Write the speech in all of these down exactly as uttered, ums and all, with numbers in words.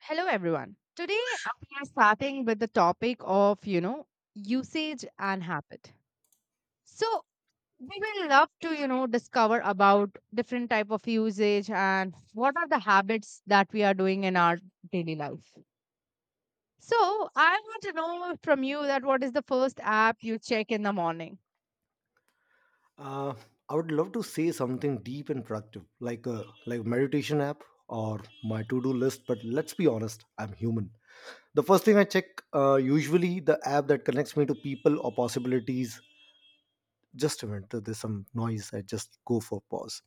Hello, everyone. Today, uh, we are starting with the topic of, you know, usage and habit. So, we will love to, you know, discover about different type of usage and what are the habits that we are doing in our daily life. So, I want to know from you that what is the first app you check in the morning? Uh, I would love to say something deep and productive, like a like meditation app or my to-do list. But let's be honest, I'm human. The first thing I check, uh, usually the app that connects me to people or possibilities. Just a minute, there's some noise. I just go for pause.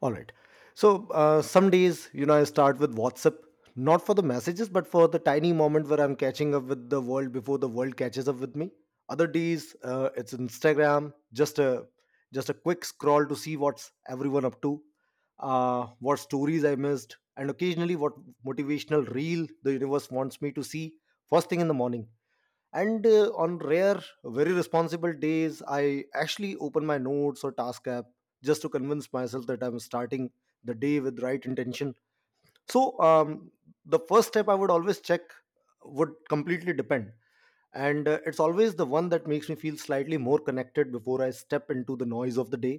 All right. So uh, some days, you know, I start with WhatsApp, not for the messages, but for the tiny moment where I'm catching up with the world before the world catches up with me. Other days, uh, it's Instagram, just a just a quick scroll to see what's everyone up to, uh, what stories I missed, and occasionally what motivational reel the universe wants me to see first thing in the morning. And uh, on rare very responsible days, I actually open my notes or task app just to convince myself that I'm starting the day with right intention. So um, the first step I would always check would completely depend. And uh, it's always the one that makes me feel slightly more connected before I step into the noise of the day,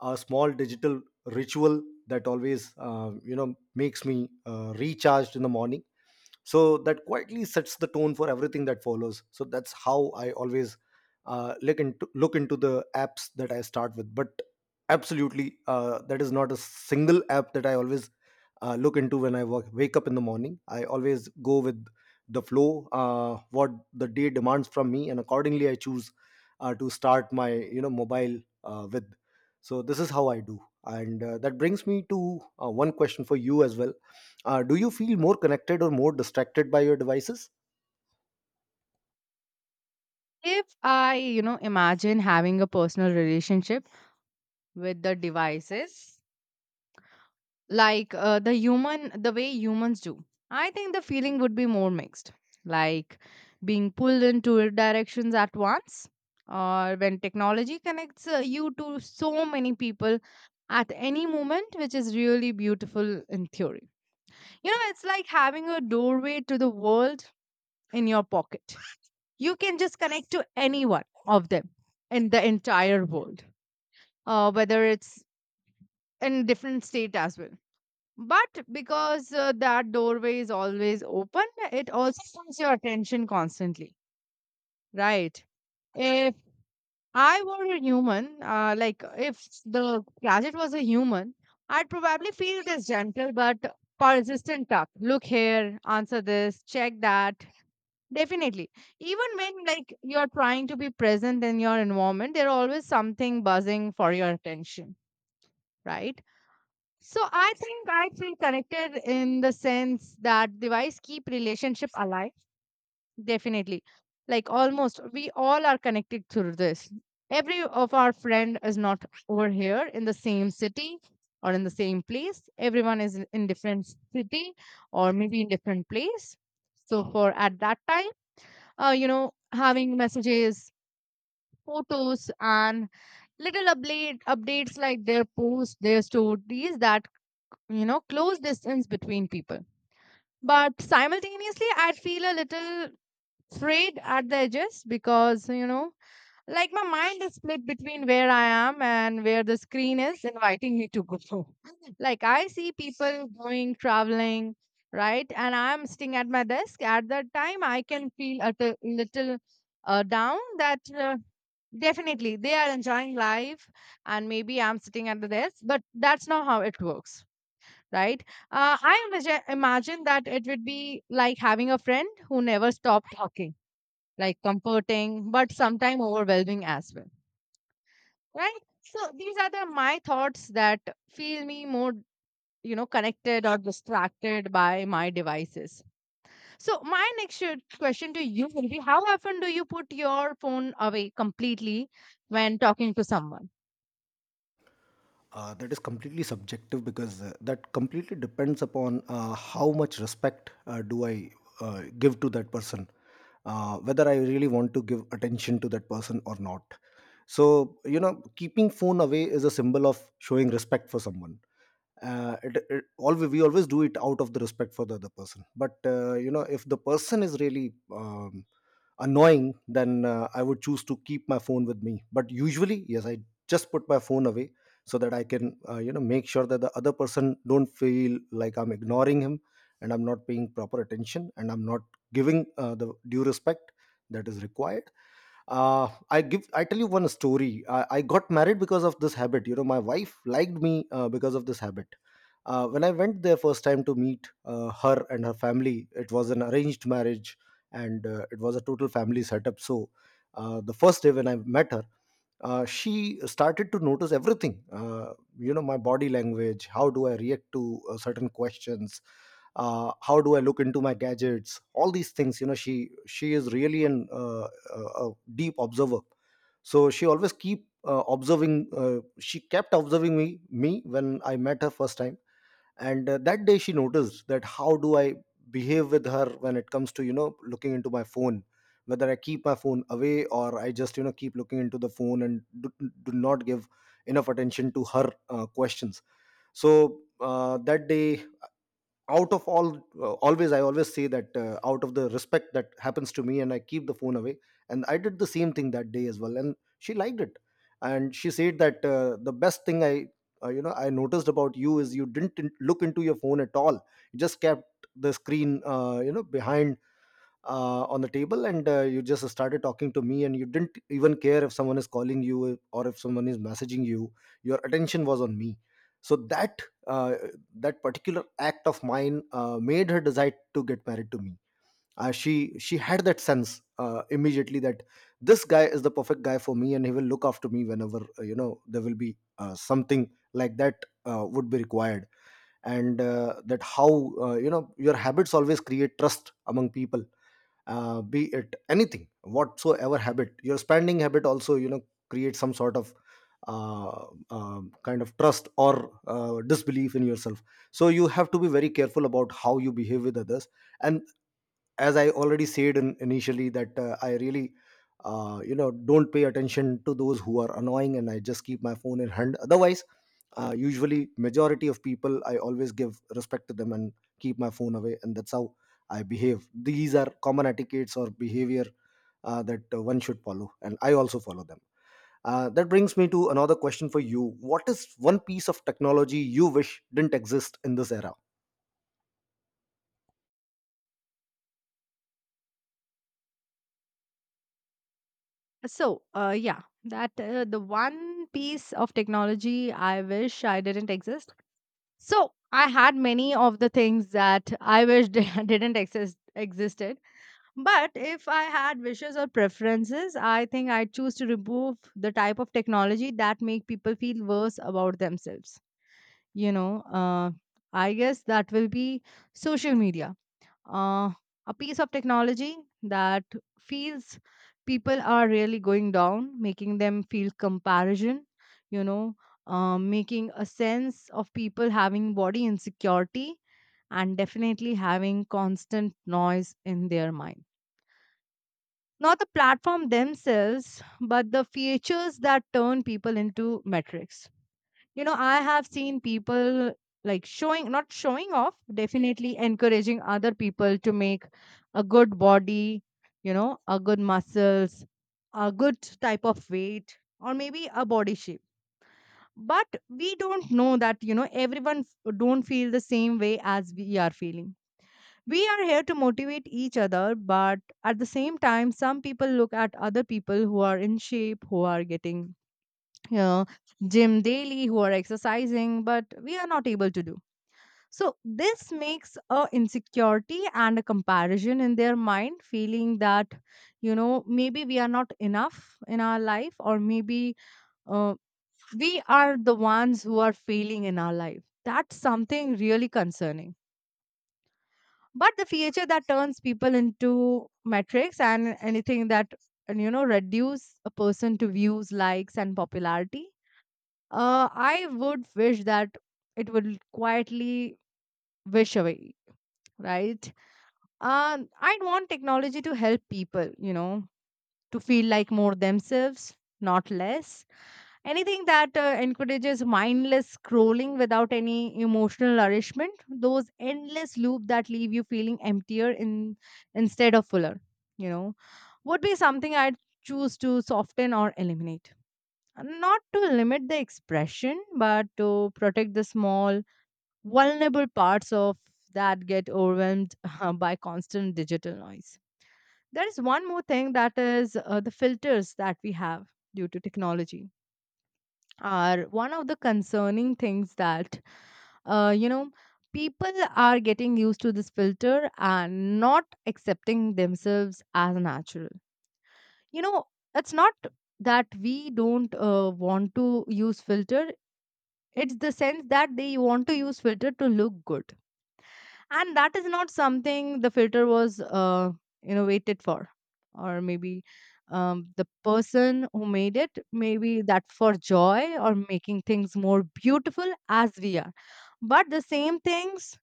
a small digital ritual that always, uh, you know makes me uh, recharged in the morning, so that quietly sets the tone for everything that follows. So that's how I always uh, look into look into the apps that I start with. But absolutely, uh, that is not a single app that I always uh, look into when I work, wake up in the morning. I always go with the flow, uh, what the day demands from me, and accordingly I choose uh, to start my, you know, mobile uh, with. So this is how I do. And uh, that brings me to uh, one question for you as well. uh, do you feel more connected or more distracted by your devices? If I, you know, imagine having a personal relationship with the devices, like uh, the human the way humans do, I think the feeling would be more mixed, like being pulled in two directions at once, or when technology connects uh, you to so many people at any moment, which is really beautiful in theory. You know, it's like having a doorway to the world in your pocket. You can just connect to any one of them in the entire world, uh, whether it's in different state as well. But because uh, that doorway is always open, it also pulls your attention constantly, right? If I were a human, uh, like if the gadget was a human, I'd probably feel this gentle but persistent tug. Look here, answer this, check that. Definitely. Even when like you're trying to be present in your environment, there's always something buzzing for your attention, right? So I think I feel connected in the sense that device keep relationship alive. Definitely, like almost we all are connected through this. Every of our friend is not over here in the same city or in the same place. Everyone is in in different city or maybe in different place. So for at that time, uh, you know, having messages, photos, and little update updates like their posts, their stories that, you know, close distance between people. But simultaneously, I'd feel a little frayed at the edges because, you know, like my mind is split between where I am and where the screen is inviting me to go. Like I see people going, traveling, right? And I'm sitting at my desk. At that time, I can feel a t- little uh, down, that uh, definitely they are enjoying life and maybe I'm sitting at the desk, but that's not how it works, right? Uh, I imagine, imagine that it would be like having a friend who never stopped talking, like comforting, but sometimes overwhelming as well, right? So these are the my thoughts that feel me more, you know, connected or distracted by my devices. So my next sh- question to you will be: How often do you put your phone away completely when talking to someone? Uh, that is completely subjective, because uh, that completely depends upon uh, how much respect uh, do I uh, give to that person, uh, whether I really want to give attention to that person or not. So you know, keeping phone away is a symbol of showing respect for someone. uh, it, it always, we always do it out of the respect for the other person. But uh, you know, if the person is really um, annoying, then uh, I would choose to keep my phone with me. But usually yes, I just put my phone away so that I can, uh, you know, make sure that the other person don't feel like I'm ignoring him and I'm not paying proper attention and I'm not giving uh, the due respect that is required. uh, i give I tell you one story. I, I got married because of this habit. You know, my wife liked me uh, because of this habit. uh, when I went there first time to meet uh, her and her family, it was an arranged marriage, and uh, it was a total family setup. So uh, the first day when I met her, uh, she started to notice everything. uh, you know, my body language, how do I react to uh, certain questions, uh, how do I look into my gadgets, all these things. You know, she she is really an uh, a a deep observer. So she always keep uh, observing. uh, she kept observing me me when I met her first time. And uh, that day she noticed that how do I behave with her when it comes to, you know, looking into my phone, whether I keep my phone away or I just, you know, keep looking into the phone and do, do not give enough attention to her uh, questions. So uh, that day, out of all, uh, always i always say that uh, out of the respect that happens to me, and I keep the phone away. And I did the same thing that day as well, and she liked it. And she said that uh, the best thing I uh, you know, I noticed about you is you didn't in- look into your phone at all. You just kept the screen uh, you know, behind uh, on the table. And uh, you just started talking to me, and you didn't even care if someone is calling you or if someone is messaging you. Your attention was on me. So that uh, that particular act of mine uh, made her decide to get married to me. uh, she she had that sense uh, immediately that this guy is the perfect guy for me and he will look after me whenever uh, you know, there will be uh, something like that uh, would be required. And uh, that how uh, you know, your habits always create trust among people. uh, be it anything, whatsoever habit, your spending habit also, you know, create some sort of uh, um kind of trust or uh, disbelief in yourself. So you have to be very careful about how you behave with others. And as I already said in, initially that uh, I really uh, you know, don't pay attention to those who are annoying, and I just keep my phone in hand. Otherwise uh, usually majority of people, I always give respect to them and keep my phone away, and that's how I behave. These are common etiquettes or behavior uh, that uh, one should follow, and I also follow them. uh, that brings me to another question for you. What is one piece of technology you wish didn't exist in this era? So, uh, yeah, that uh, the one piece of technology I wish I didn't exist. So I had many of the things that I wish didn't exist existed. But if I had wishes or preferences, I think I'd choose to remove the type of technology that make people feel worse about themselves. You know, uh, I guess that will be social media, uh, a piece of technology that feels people are really going down, making them feel comparison, you know, uh, making a sense of people having body insecurity and definitely having constant noise in their mind. Not the platform themselves, but the features that turn people into metrics. You know, I have seen people like showing, not showing off, definitely encouraging other people to make a good body, you know, a good muscles, a good type of weight or maybe a body shape. But we don't know that, you know, everyone f- don't feel the same way as we are feeling. We are here to motivate each other, but at the same time some people look at other people who are in shape, who are getting, you know, gym daily, who are exercising, but we are not able to do. So this makes a insecurity and a comparison in their mind, feeling that, you know, maybe we are not enough in our life, or maybe uh, we are the ones who are failing in our life. That's something really concerning. But the feature that turns people into metrics and anything that and, you know, reduce a person to views, likes, and popularity, uh, I would wish that it will quietly wish away, right? Um, I'd want technology to help people, you know, to feel like more themselves, not less. Anything that uh, encourages mindless scrolling without any emotional nourishment, those endless loops that leave you feeling emptier in instead of fuller, you know, would be something I'd choose to soften or eliminate, not to limit the expression, but to protect the small, vulnerable parts of that get overwhelmed by constant digital noise. There is one more thing that is uh, the filters that we have due to technology are one of the concerning things that, uh, you know, people are getting used to this filter and not accepting themselves as natural. You know, it's not that we don't uh, want to use filter. It's the sense that they want to use filter to look good. And that is not something the filter was uh, innovated for. Or maybe um, the person who made it, maybe that for joy or making things more beautiful as we are. But the same things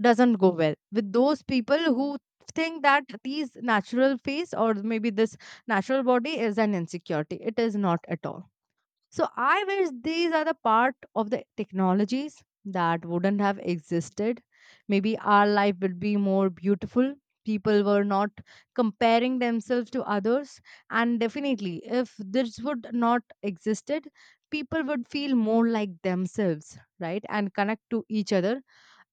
doesn't go well with those people who think that these natural face or maybe this natural body is an insecurity. It is not at all. So I wish these are the part of the technologies that wouldn't have existed. Maybe our life would be more beautiful. People were not comparing themselves to others. And definitely, if this would not existed, people would feel more like themselves, right? And connect to each other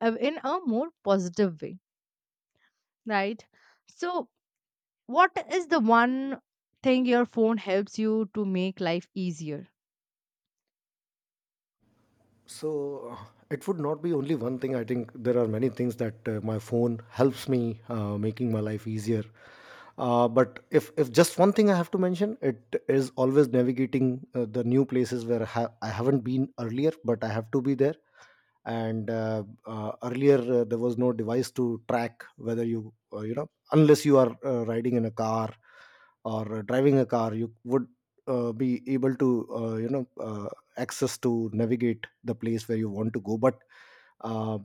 uh, in a more positive way, right? So, what is the one thing your phone helps you to make life easier? So uh, it would not be only one thing. I think there are many things that uh, my phone helps me uh, making my life easier. Uh, but if if just one thing I have to mention, it is always navigating uh, the new places where I, ha- I haven't been earlier, but I have to be there. And uh, uh, earlier, uh, there was no device to track whether you uh, you know, unless you are uh, riding in a car or uh, driving a car, you would uh, be able to uh, you know uh, access to navigate the place where you want to go. But uh,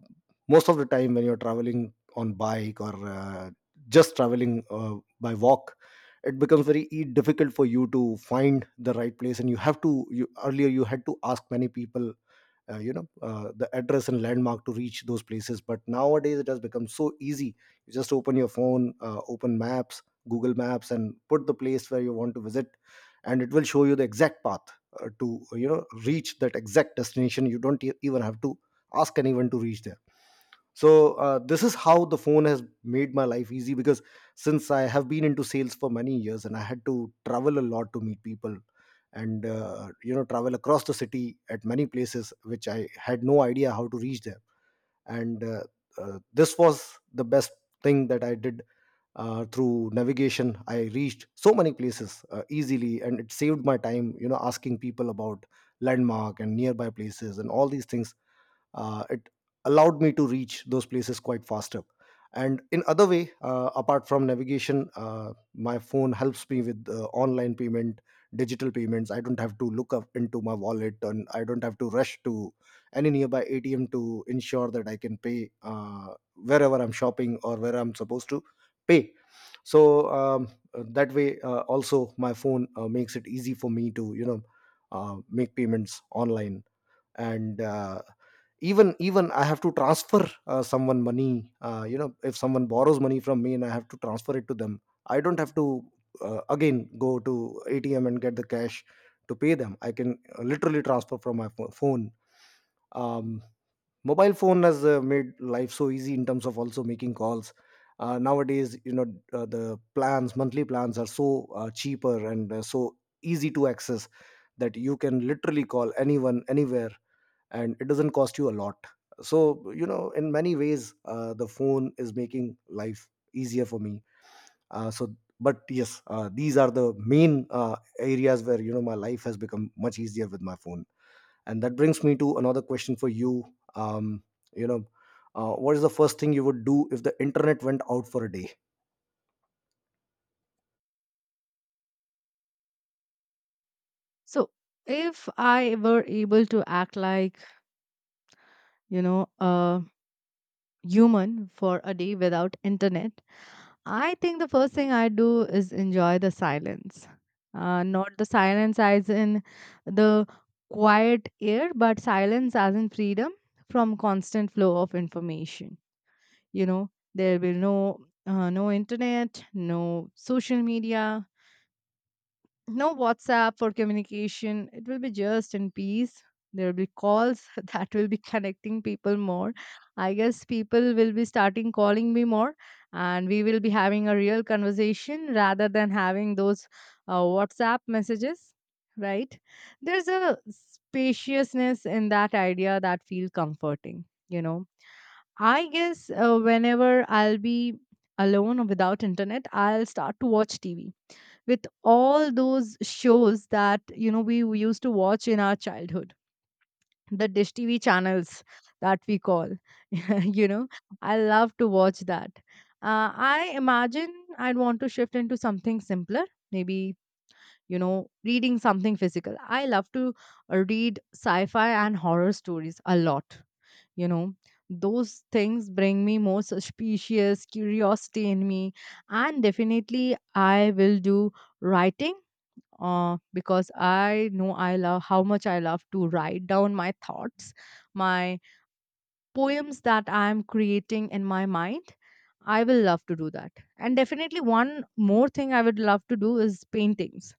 most of the time when you're traveling on bike or uh, just traveling uh, by walk, it becomes very e- difficult for you to find the right place, and you have to you earlier you had to ask many people uh, you know, uh, the address and landmark to reach those places. But nowadays it has become so easy. You just open your phone, uh, open maps, Google Maps, and put the place where you want to visit, and it will show you the exact path uh, to, you know, reach that exact destination. You don't e- even have to ask anyone to reach there. So uh, this is how the phone has made my life easy. Because since I have been into sales for many years, and I had to travel a lot to meet people, and uh, you know, travel across the city at many places which I had no idea how to reach there. And uh, uh, this was the best thing that I did. uh, through navigation I reached so many places uh, easily, and it saved my time, you know, asking people about landmark and nearby places and all these things. uh, it allowed me to reach those places quite faster. And in other way, uh, apart from navigation, uh, my phone helps me with uh, online payment, digital payments. I don't have to look up into my wallet, and I don't have to rush to any nearby ATM to ensure that I can pay uh, wherever I'm shopping or where I'm supposed to pay. So um, that way uh, also my phone uh, makes it easy for me to, you know, uh, make payments online. And uh, even even I have to transfer uh, someone money. uh, you know, if someone borrows money from me and I have to transfer it to them, I don't have to uh, again go to ATM and get the cash to pay them. I can uh, literally transfer from my pho- phone. um, mobile phone has uh, made life so easy in terms of also making calls. uh, nowadays, you know, uh, the plans, monthly plans, are so uh, cheaper and uh, so easy to access, that you can literally call anyone anywhere and it doesn't cost you a lot. So you know, in many ways, uh, the phone is making life easier for me. uh, so but yes, uh, these are the main uh, areas where, you know, my life has become much easier with my phone. And that brings me to another question for you. um, you know, uh, what is the first thing you would do if the internet went out for a day? So, if I were able to act like, you know, a human for a day without internet, I think the first thing I do is enjoy the silence. Uh, not the silence as in the quiet air, but silence as in freedom from constant flow of information. You know, there will no uh, no internet, no social media, no WhatsApp for communication. It will be just in peace. There will be calls that will be connecting people more. I guess people will be starting calling me more, and we will be having a real conversation rather than having those uh, WhatsApp messages, right? There's a spaciousness in that idea that feels comforting, you know. I guess uh, whenever I'll be alone or without internet, I'll start to watch T V with all those shows that, you know, we used to watch in our childhood, the dish T V channels that we call, you know. I love to watch that. uh, I imagine I'd want to shift into something simpler, maybe, you know, reading something physical. I love to uh, read sci-fi and horror stories a lot, you know. Those things bring me more suspicious curiosity in me. And definitely I will do writing, uh, because I know I love how much I love to write down my thoughts, my poems that I'm creating in my mind. I will love to do that. And definitely, one more thing I would love to do is paintings.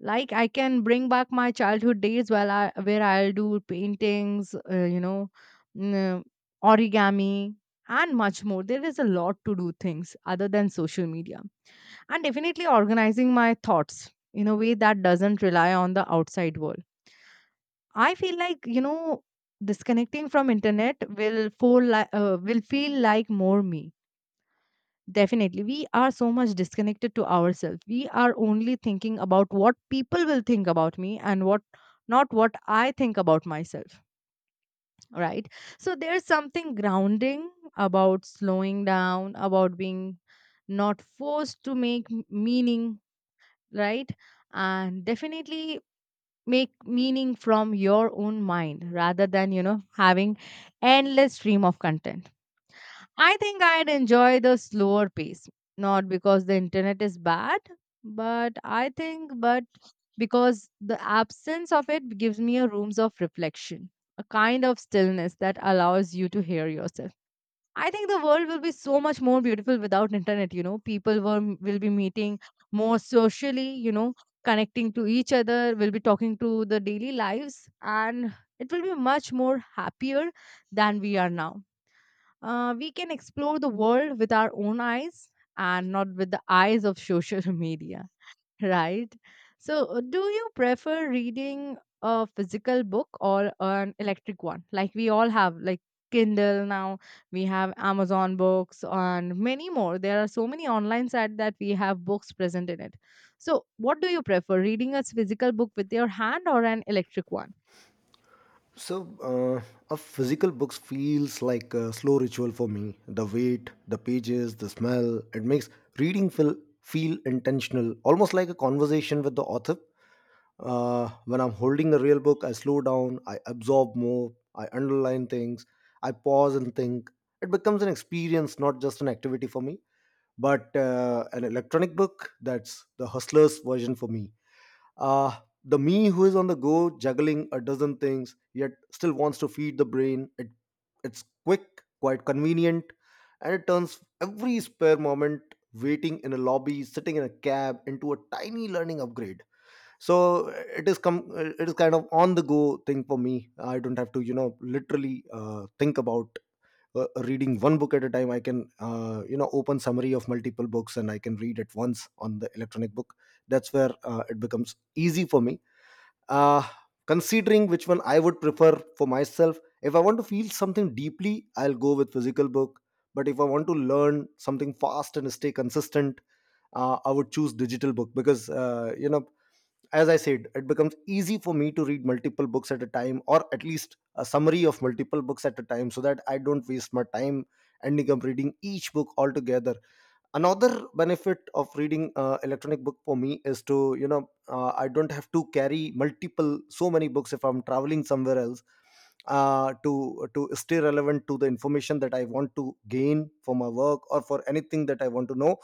Like I can bring back my childhood days where I where I'll do paintings, uh, you know, n- origami, and much more. There is a lot to do things other than social media, and definitely organizing my thoughts in a way that doesn't rely on the outside world. I feel like, you know, disconnecting from internet will feel like, uh, will feel like more me. Definitely we are so much disconnected to ourselves. We are only thinking about what people will think about me and what, not what I think about myself, right? So there's something grounding about slowing down, about being not forced to make m- meaning, right? And definitely make meaning from your own mind rather than, you know, having endless stream of content. I think I'd enjoy the slower pace, not because the internet is bad, but I think but because the absence of it gives me a rooms of reflection, a kind of stillness that allows you to hear yourself. I think the world will be so much more beautiful without internet, you know. People will, will be meeting more socially, you know, connecting to each other, will be talking to the daily lives, and it will be much more happier than we are now. Uh, we can explore the world with our own eyes and not with the eyes of social media, right? So, uh, do you prefer reading a physical book or an electric one? Like we all have, like Kindle now, we have Amazon books and many more. There are so many online sites that we have books present in it. So, what do you prefer, reading a physical book with your hand or an electric one? So, uh, a physical book feels like a slow ritual for me. The weight, the pages, the smell, it makes reading feel, feel intentional, almost like a conversation with the author. Uh, when I'm holding a real book, I slow down, I absorb more, I underline things, I pause and think. It becomes an experience, not just an activity for me. But uh, an electronic book, that's the hustler's version for me uh, the me who is on the go, juggling a dozen things, yet still wants to feed the brain. It, it's quick, quite convenient, and it turns every spare moment waiting in a lobby, sitting in a cab, into a tiny learning upgrade. So it is come. It is kind of on the go thing for me. I don't have to, you know, literally uh, think about uh, reading one book at a time. I can uh, you know open summary of multiple books, and I can read at once on the electronic book. That's where uh, it becomes easy for me, uh, considering which one I would prefer for myself. If I want to feel something deeply, I'll go with physical book, but if I want to learn something fast and stay consistent, uh, I would choose digital book, because uh, you know as I said, it becomes easy for me to read multiple books at a time, or at least a summary of multiple books at a time, so that I don't waste my time ending up reading each book altogether. Another benefit of reading uh, electronic book for me is to, you know uh, I don't have to carry multiple so many books if I'm traveling somewhere else, uh, to to stay relevant to the information that I want to gain for my work or for anything that I want to know.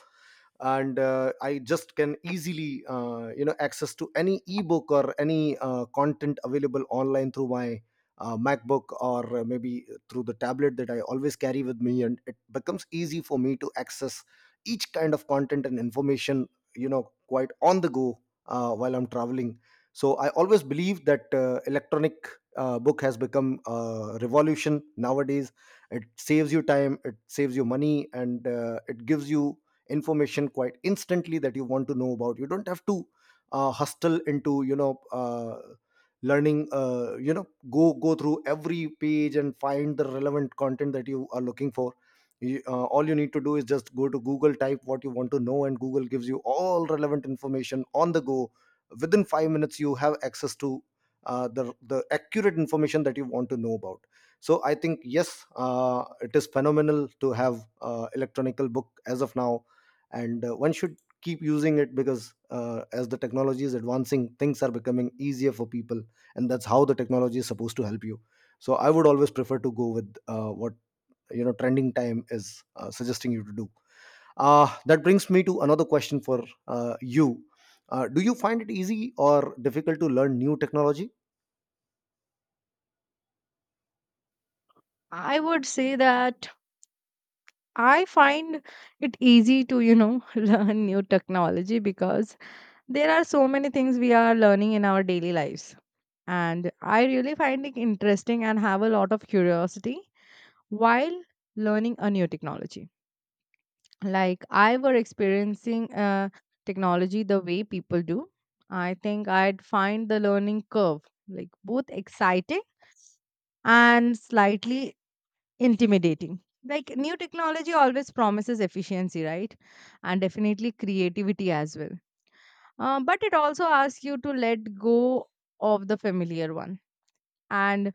And uh, I just can easily, uh, you know access to any ebook or any uh, content available online through my uh, MacBook, or uh, maybe through the tablet that I always carry with me, and it becomes easy for me to access each kind of content and information, you know, quite on the go, uh, while I'm traveling. So I always believe that uh, electronic uh, book has become a revolution nowadays. It saves you time, it saves you money, and uh, it gives you information quite instantly that you want to know about. You don't have to uh, hustle into, you know uh, learning, uh, you know go go through every page and find the relevant content that you are looking for. you, uh, all you need to do is just go to Google, type what you want to know, and Google gives you all relevant information on the go. Within five minutes you have access to uh, the the accurate information that you want to know about. So I think yes, uh, it is phenomenal to have uh, electronical book as of now, and uh, one should keep using it, because uh, as the technology is advancing, things are becoming easier for people, and that's how the technology is supposed to help you. So I would always prefer to go with uh, what, you know, trending time is uh, suggesting you to do. Uh, that brings me to another question for uh, you. Uh, do you find it easy or difficult to learn new technology? I would say that I find it easy to, you know, learn new technology because there are so many things we are learning in our daily lives. And I really find it interesting and have a lot of curiosity while learning a new technology. Like I were experiencing uh, technology the way people do. I think I'd find the learning curve like both exciting and slightly intimidating. Like new technology always promises efficiency, right? And definitely creativity as well. Uh, but it also asks you to let go of the familiar one. And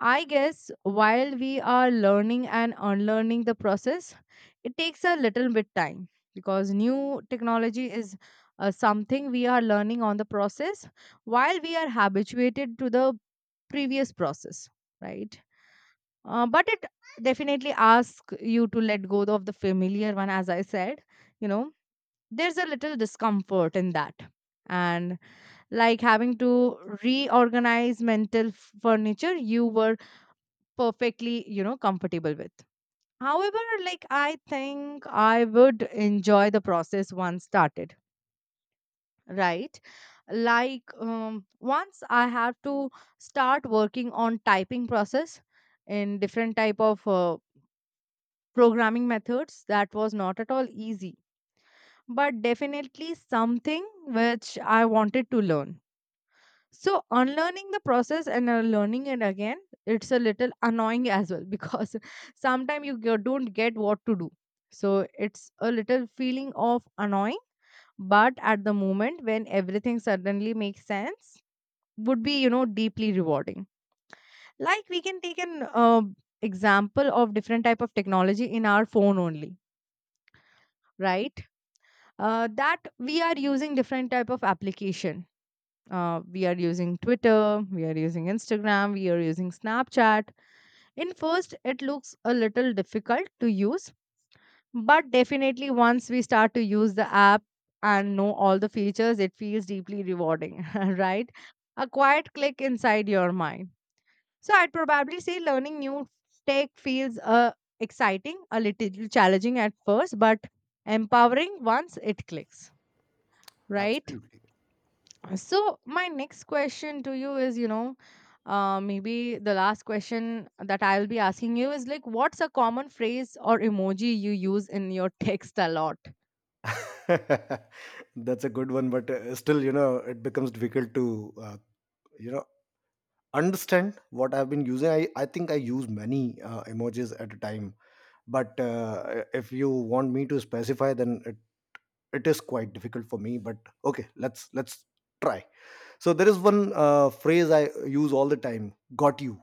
I guess while we are learning and unlearning the process, it takes a little bit time because new technology is uh, something we are learning on the process while we are habituated to the previous process, right? uh, but it definitely asks you to let go of the familiar one, as I said, you know, there's a little discomfort in that. And like having to reorganize mental f- furniture you were perfectly, you know, comfortable with. However, like I think I would enjoy the process once started, right? Like um, once I have to start working on typing process in different type of uh, programming methods, that was not at all easy, but definitely something which I wanted to learn. So, unlearning the process and uh, learning it again, it's a little annoying as well, because sometimes you go- don't get what to do. So, it's a little feeling of annoying, but at the moment when everything suddenly makes sense, would be, you know, deeply rewarding. Like we can take an uh, example of different type of technology in our phone only, right? Uh, that we are using different type of application. Uh, we are using Twitter, we are using Instagram, we are using Snapchat. In first, it looks a little difficult to use, but definitely once we start to use the app and know all the features, it feels deeply rewarding, right? A quiet click inside your mind. So I'd probably say learning new tech feels uh, exciting, a little challenging at first, but empowering once it clicks, right? Absolutely. So my next question to you is, you know, uh, maybe the last question that I'll be asking you is, like, what's a common phrase or emoji you use in your text a lot? That's a good one, but uh, still, you know, it becomes difficult to, uh, you know understand what I've been using. i, I think I use many uh, emojis at a time, but uh, if you want me to specify, then it, it is quite difficult for me. But okay, let's let's try. So there is one uh, phrase I use all the time: got you.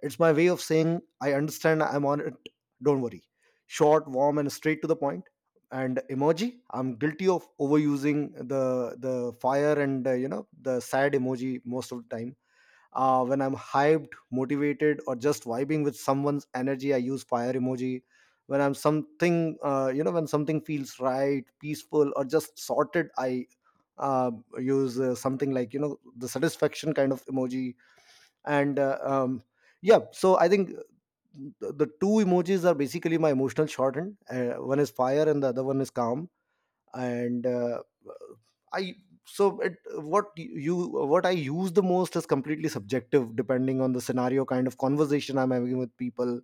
It's my way of saying I understand, I'm on it, don't worry. Short, warm, and straight to the point point. And emoji, I'm guilty of overusing the the fire and, uh, you know the sad emoji most of the time. Uh, when I'm hyped, motivated, or just vibing with someone's energy, I use fire emoji. When I'm something, uh, you know when something feels right, peaceful, or just sorted, I uh, use uh, something like, you know, the satisfaction kind of emoji. And uh, um, yeah, so I think uh, the the two emojis are basically my emotional shorthand. Uh, one is fire and the other one is calm. And uh, I so it, what you, what I use the most is completely subjective, depending on the scenario, kind of conversation I'm having with people,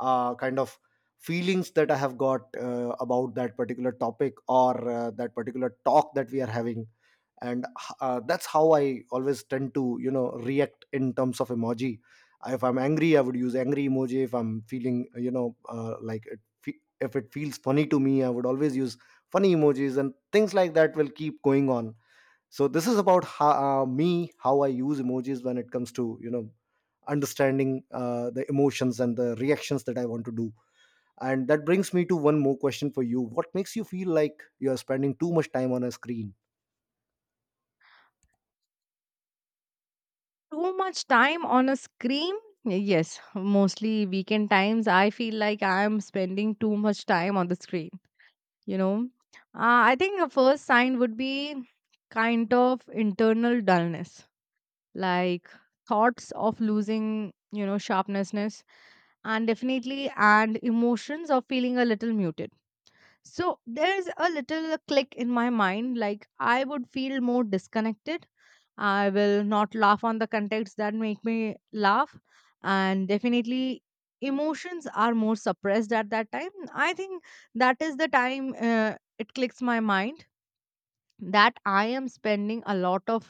uh, kind of feelings that I have got uh, about that particular topic, or uh, that particular talk that we are having. And uh, that's how I always tend to, you know, react in terms of emoji. If I'm angry, I would use angry emoji. If I'm feeling, you know uh, like it fe- if it feels funny to me, I would always use funny emojis, and things like that will keep going on. So this is about how, uh, me how I use emojis when it comes to, you know, understanding uh, the emotions and the reactions that I want to do. And that brings me to one more question for you: what makes you feel like you are spending too much time on a screen? Too much time on a screen? Yes, mostly weekend times. I feel like I'm spending too much time on the screen. You know, uh, I think the first sign would be kind of internal dullness, like thoughts of losing, you know, sharpnessness, and definitely and emotions of feeling a little muted. So there's a little click in my mind, like I would feel more disconnected. I will not laugh on the contexts that make me laugh, and definitely emotions are more suppressed at that time. I think that is the time uh, it clicks my mind that I am spending a lot of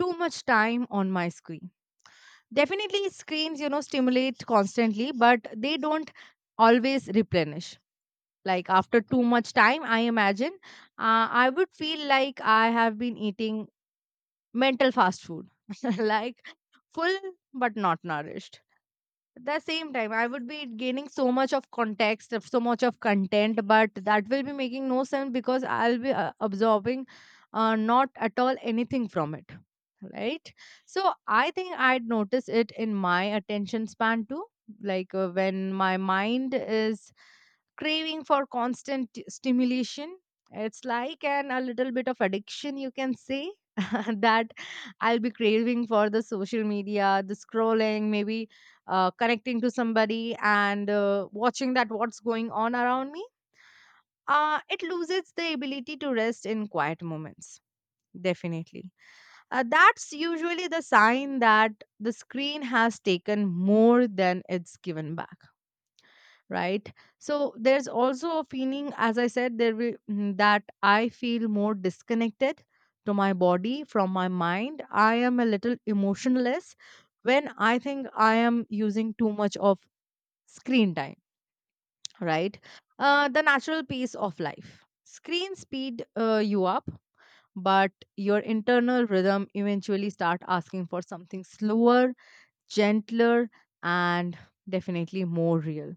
too much time on my screen. Definitely, screens, you know, stimulate constantly, but they don't always replenish. Like after too much time, I imagine uh, I would feel like I have been eating mental fast food, like full but not nourished. At the same time, I would be gaining so much of context, of so much of content, but that will be making no sense because I'll be uh, absorbing uh, not at all anything from it, right? So I think I'd notice it in my attention span too. Like uh, when my mind is craving for constant t- stimulation, it's like an a little bit of addiction, you can say, that I'll be craving for the social media, the scrolling, maybe uh, connecting to somebody and uh, watching that what's going on around me. Uh, it loses the ability to rest in quiet moments, definitely. Uh, that's usually the sign that the screen has taken more than it's given back, right? So there's also a feeling, as I said, there will, mm, that I feel more disconnected to my body from my mind. I am a little emotionless when I think I am using too much of screen time, right? Uh, the natural pace of life. Screen speed uh, you up, but your internal rhythm eventually start asking for something slower, gentler, and definitely more real.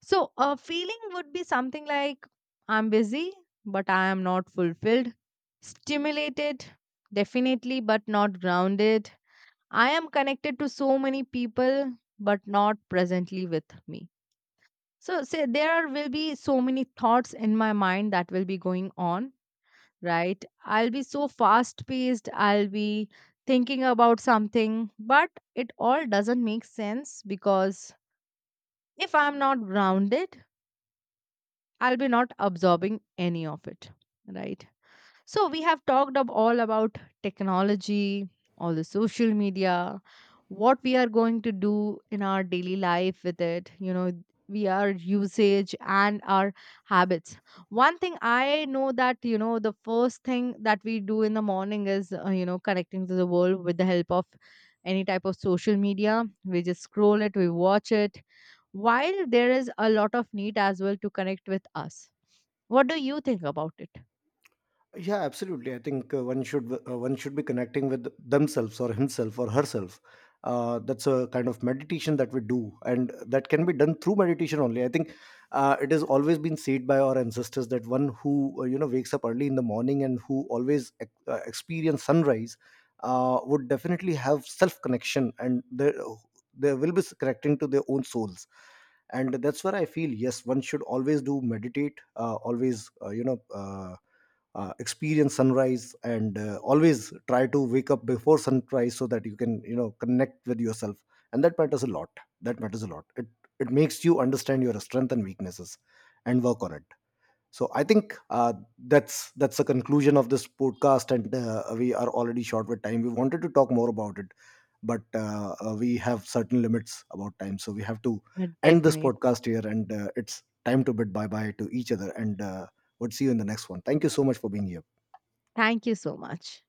So a feeling would be something like, I'm busy, but I am not fulfilled, stimulated, definitely, but not grounded. I am connected to so many people, but not presently with me. So, say there will be so many thoughts in my mind that will be going on, right? I'll be so fast paced, I'll be thinking about something, but it all doesn't make sense because if I'm not grounded, I'll be not absorbing any of it, right? So we have talked up all about technology, all the social media, what we are going to do in our daily life with it, you know, we are usage and our habits. One thing I know that, you know, the first thing that we do in the morning is, uh, you know, connecting to the world with the help of any type of social media. We just scroll it, we watch it. While there is a lot of need as well to connect with us. What do you think about it? Yeah, absolutely, I think uh, one should uh, one should be connecting with themselves, or himself or herself. Uh, that's a kind of meditation that we do, and that can be done through meditation only, I think. Uh, it has always been said by our ancestors that one who, uh, you know, wakes up early in the morning, and who always ex- uh, experience sunrise, uh, would definitely have self connection, and they, they will be connecting to their own souls. And that's where I feel, yes, one should always do meditate, uh, always uh, you know uh, uh, experience sunrise, and uh, always try to wake up before sunrise, so that you can, you know, connect with yourself. And that matters a lot. That matters a lot it it makes you understand your strength and weaknesses and work on it. So I think uh, that's that's the conclusion of this podcast, and uh, we are already short with time. We wanted to talk more about it, but uh, uh, we have certain limits about time, so we have to Uh, end this Definitely. podcast here. And uh, it's time to bid bye bye to each other, and uh, we'll see you in the next one. Thank you so much for being here. Thank you so much.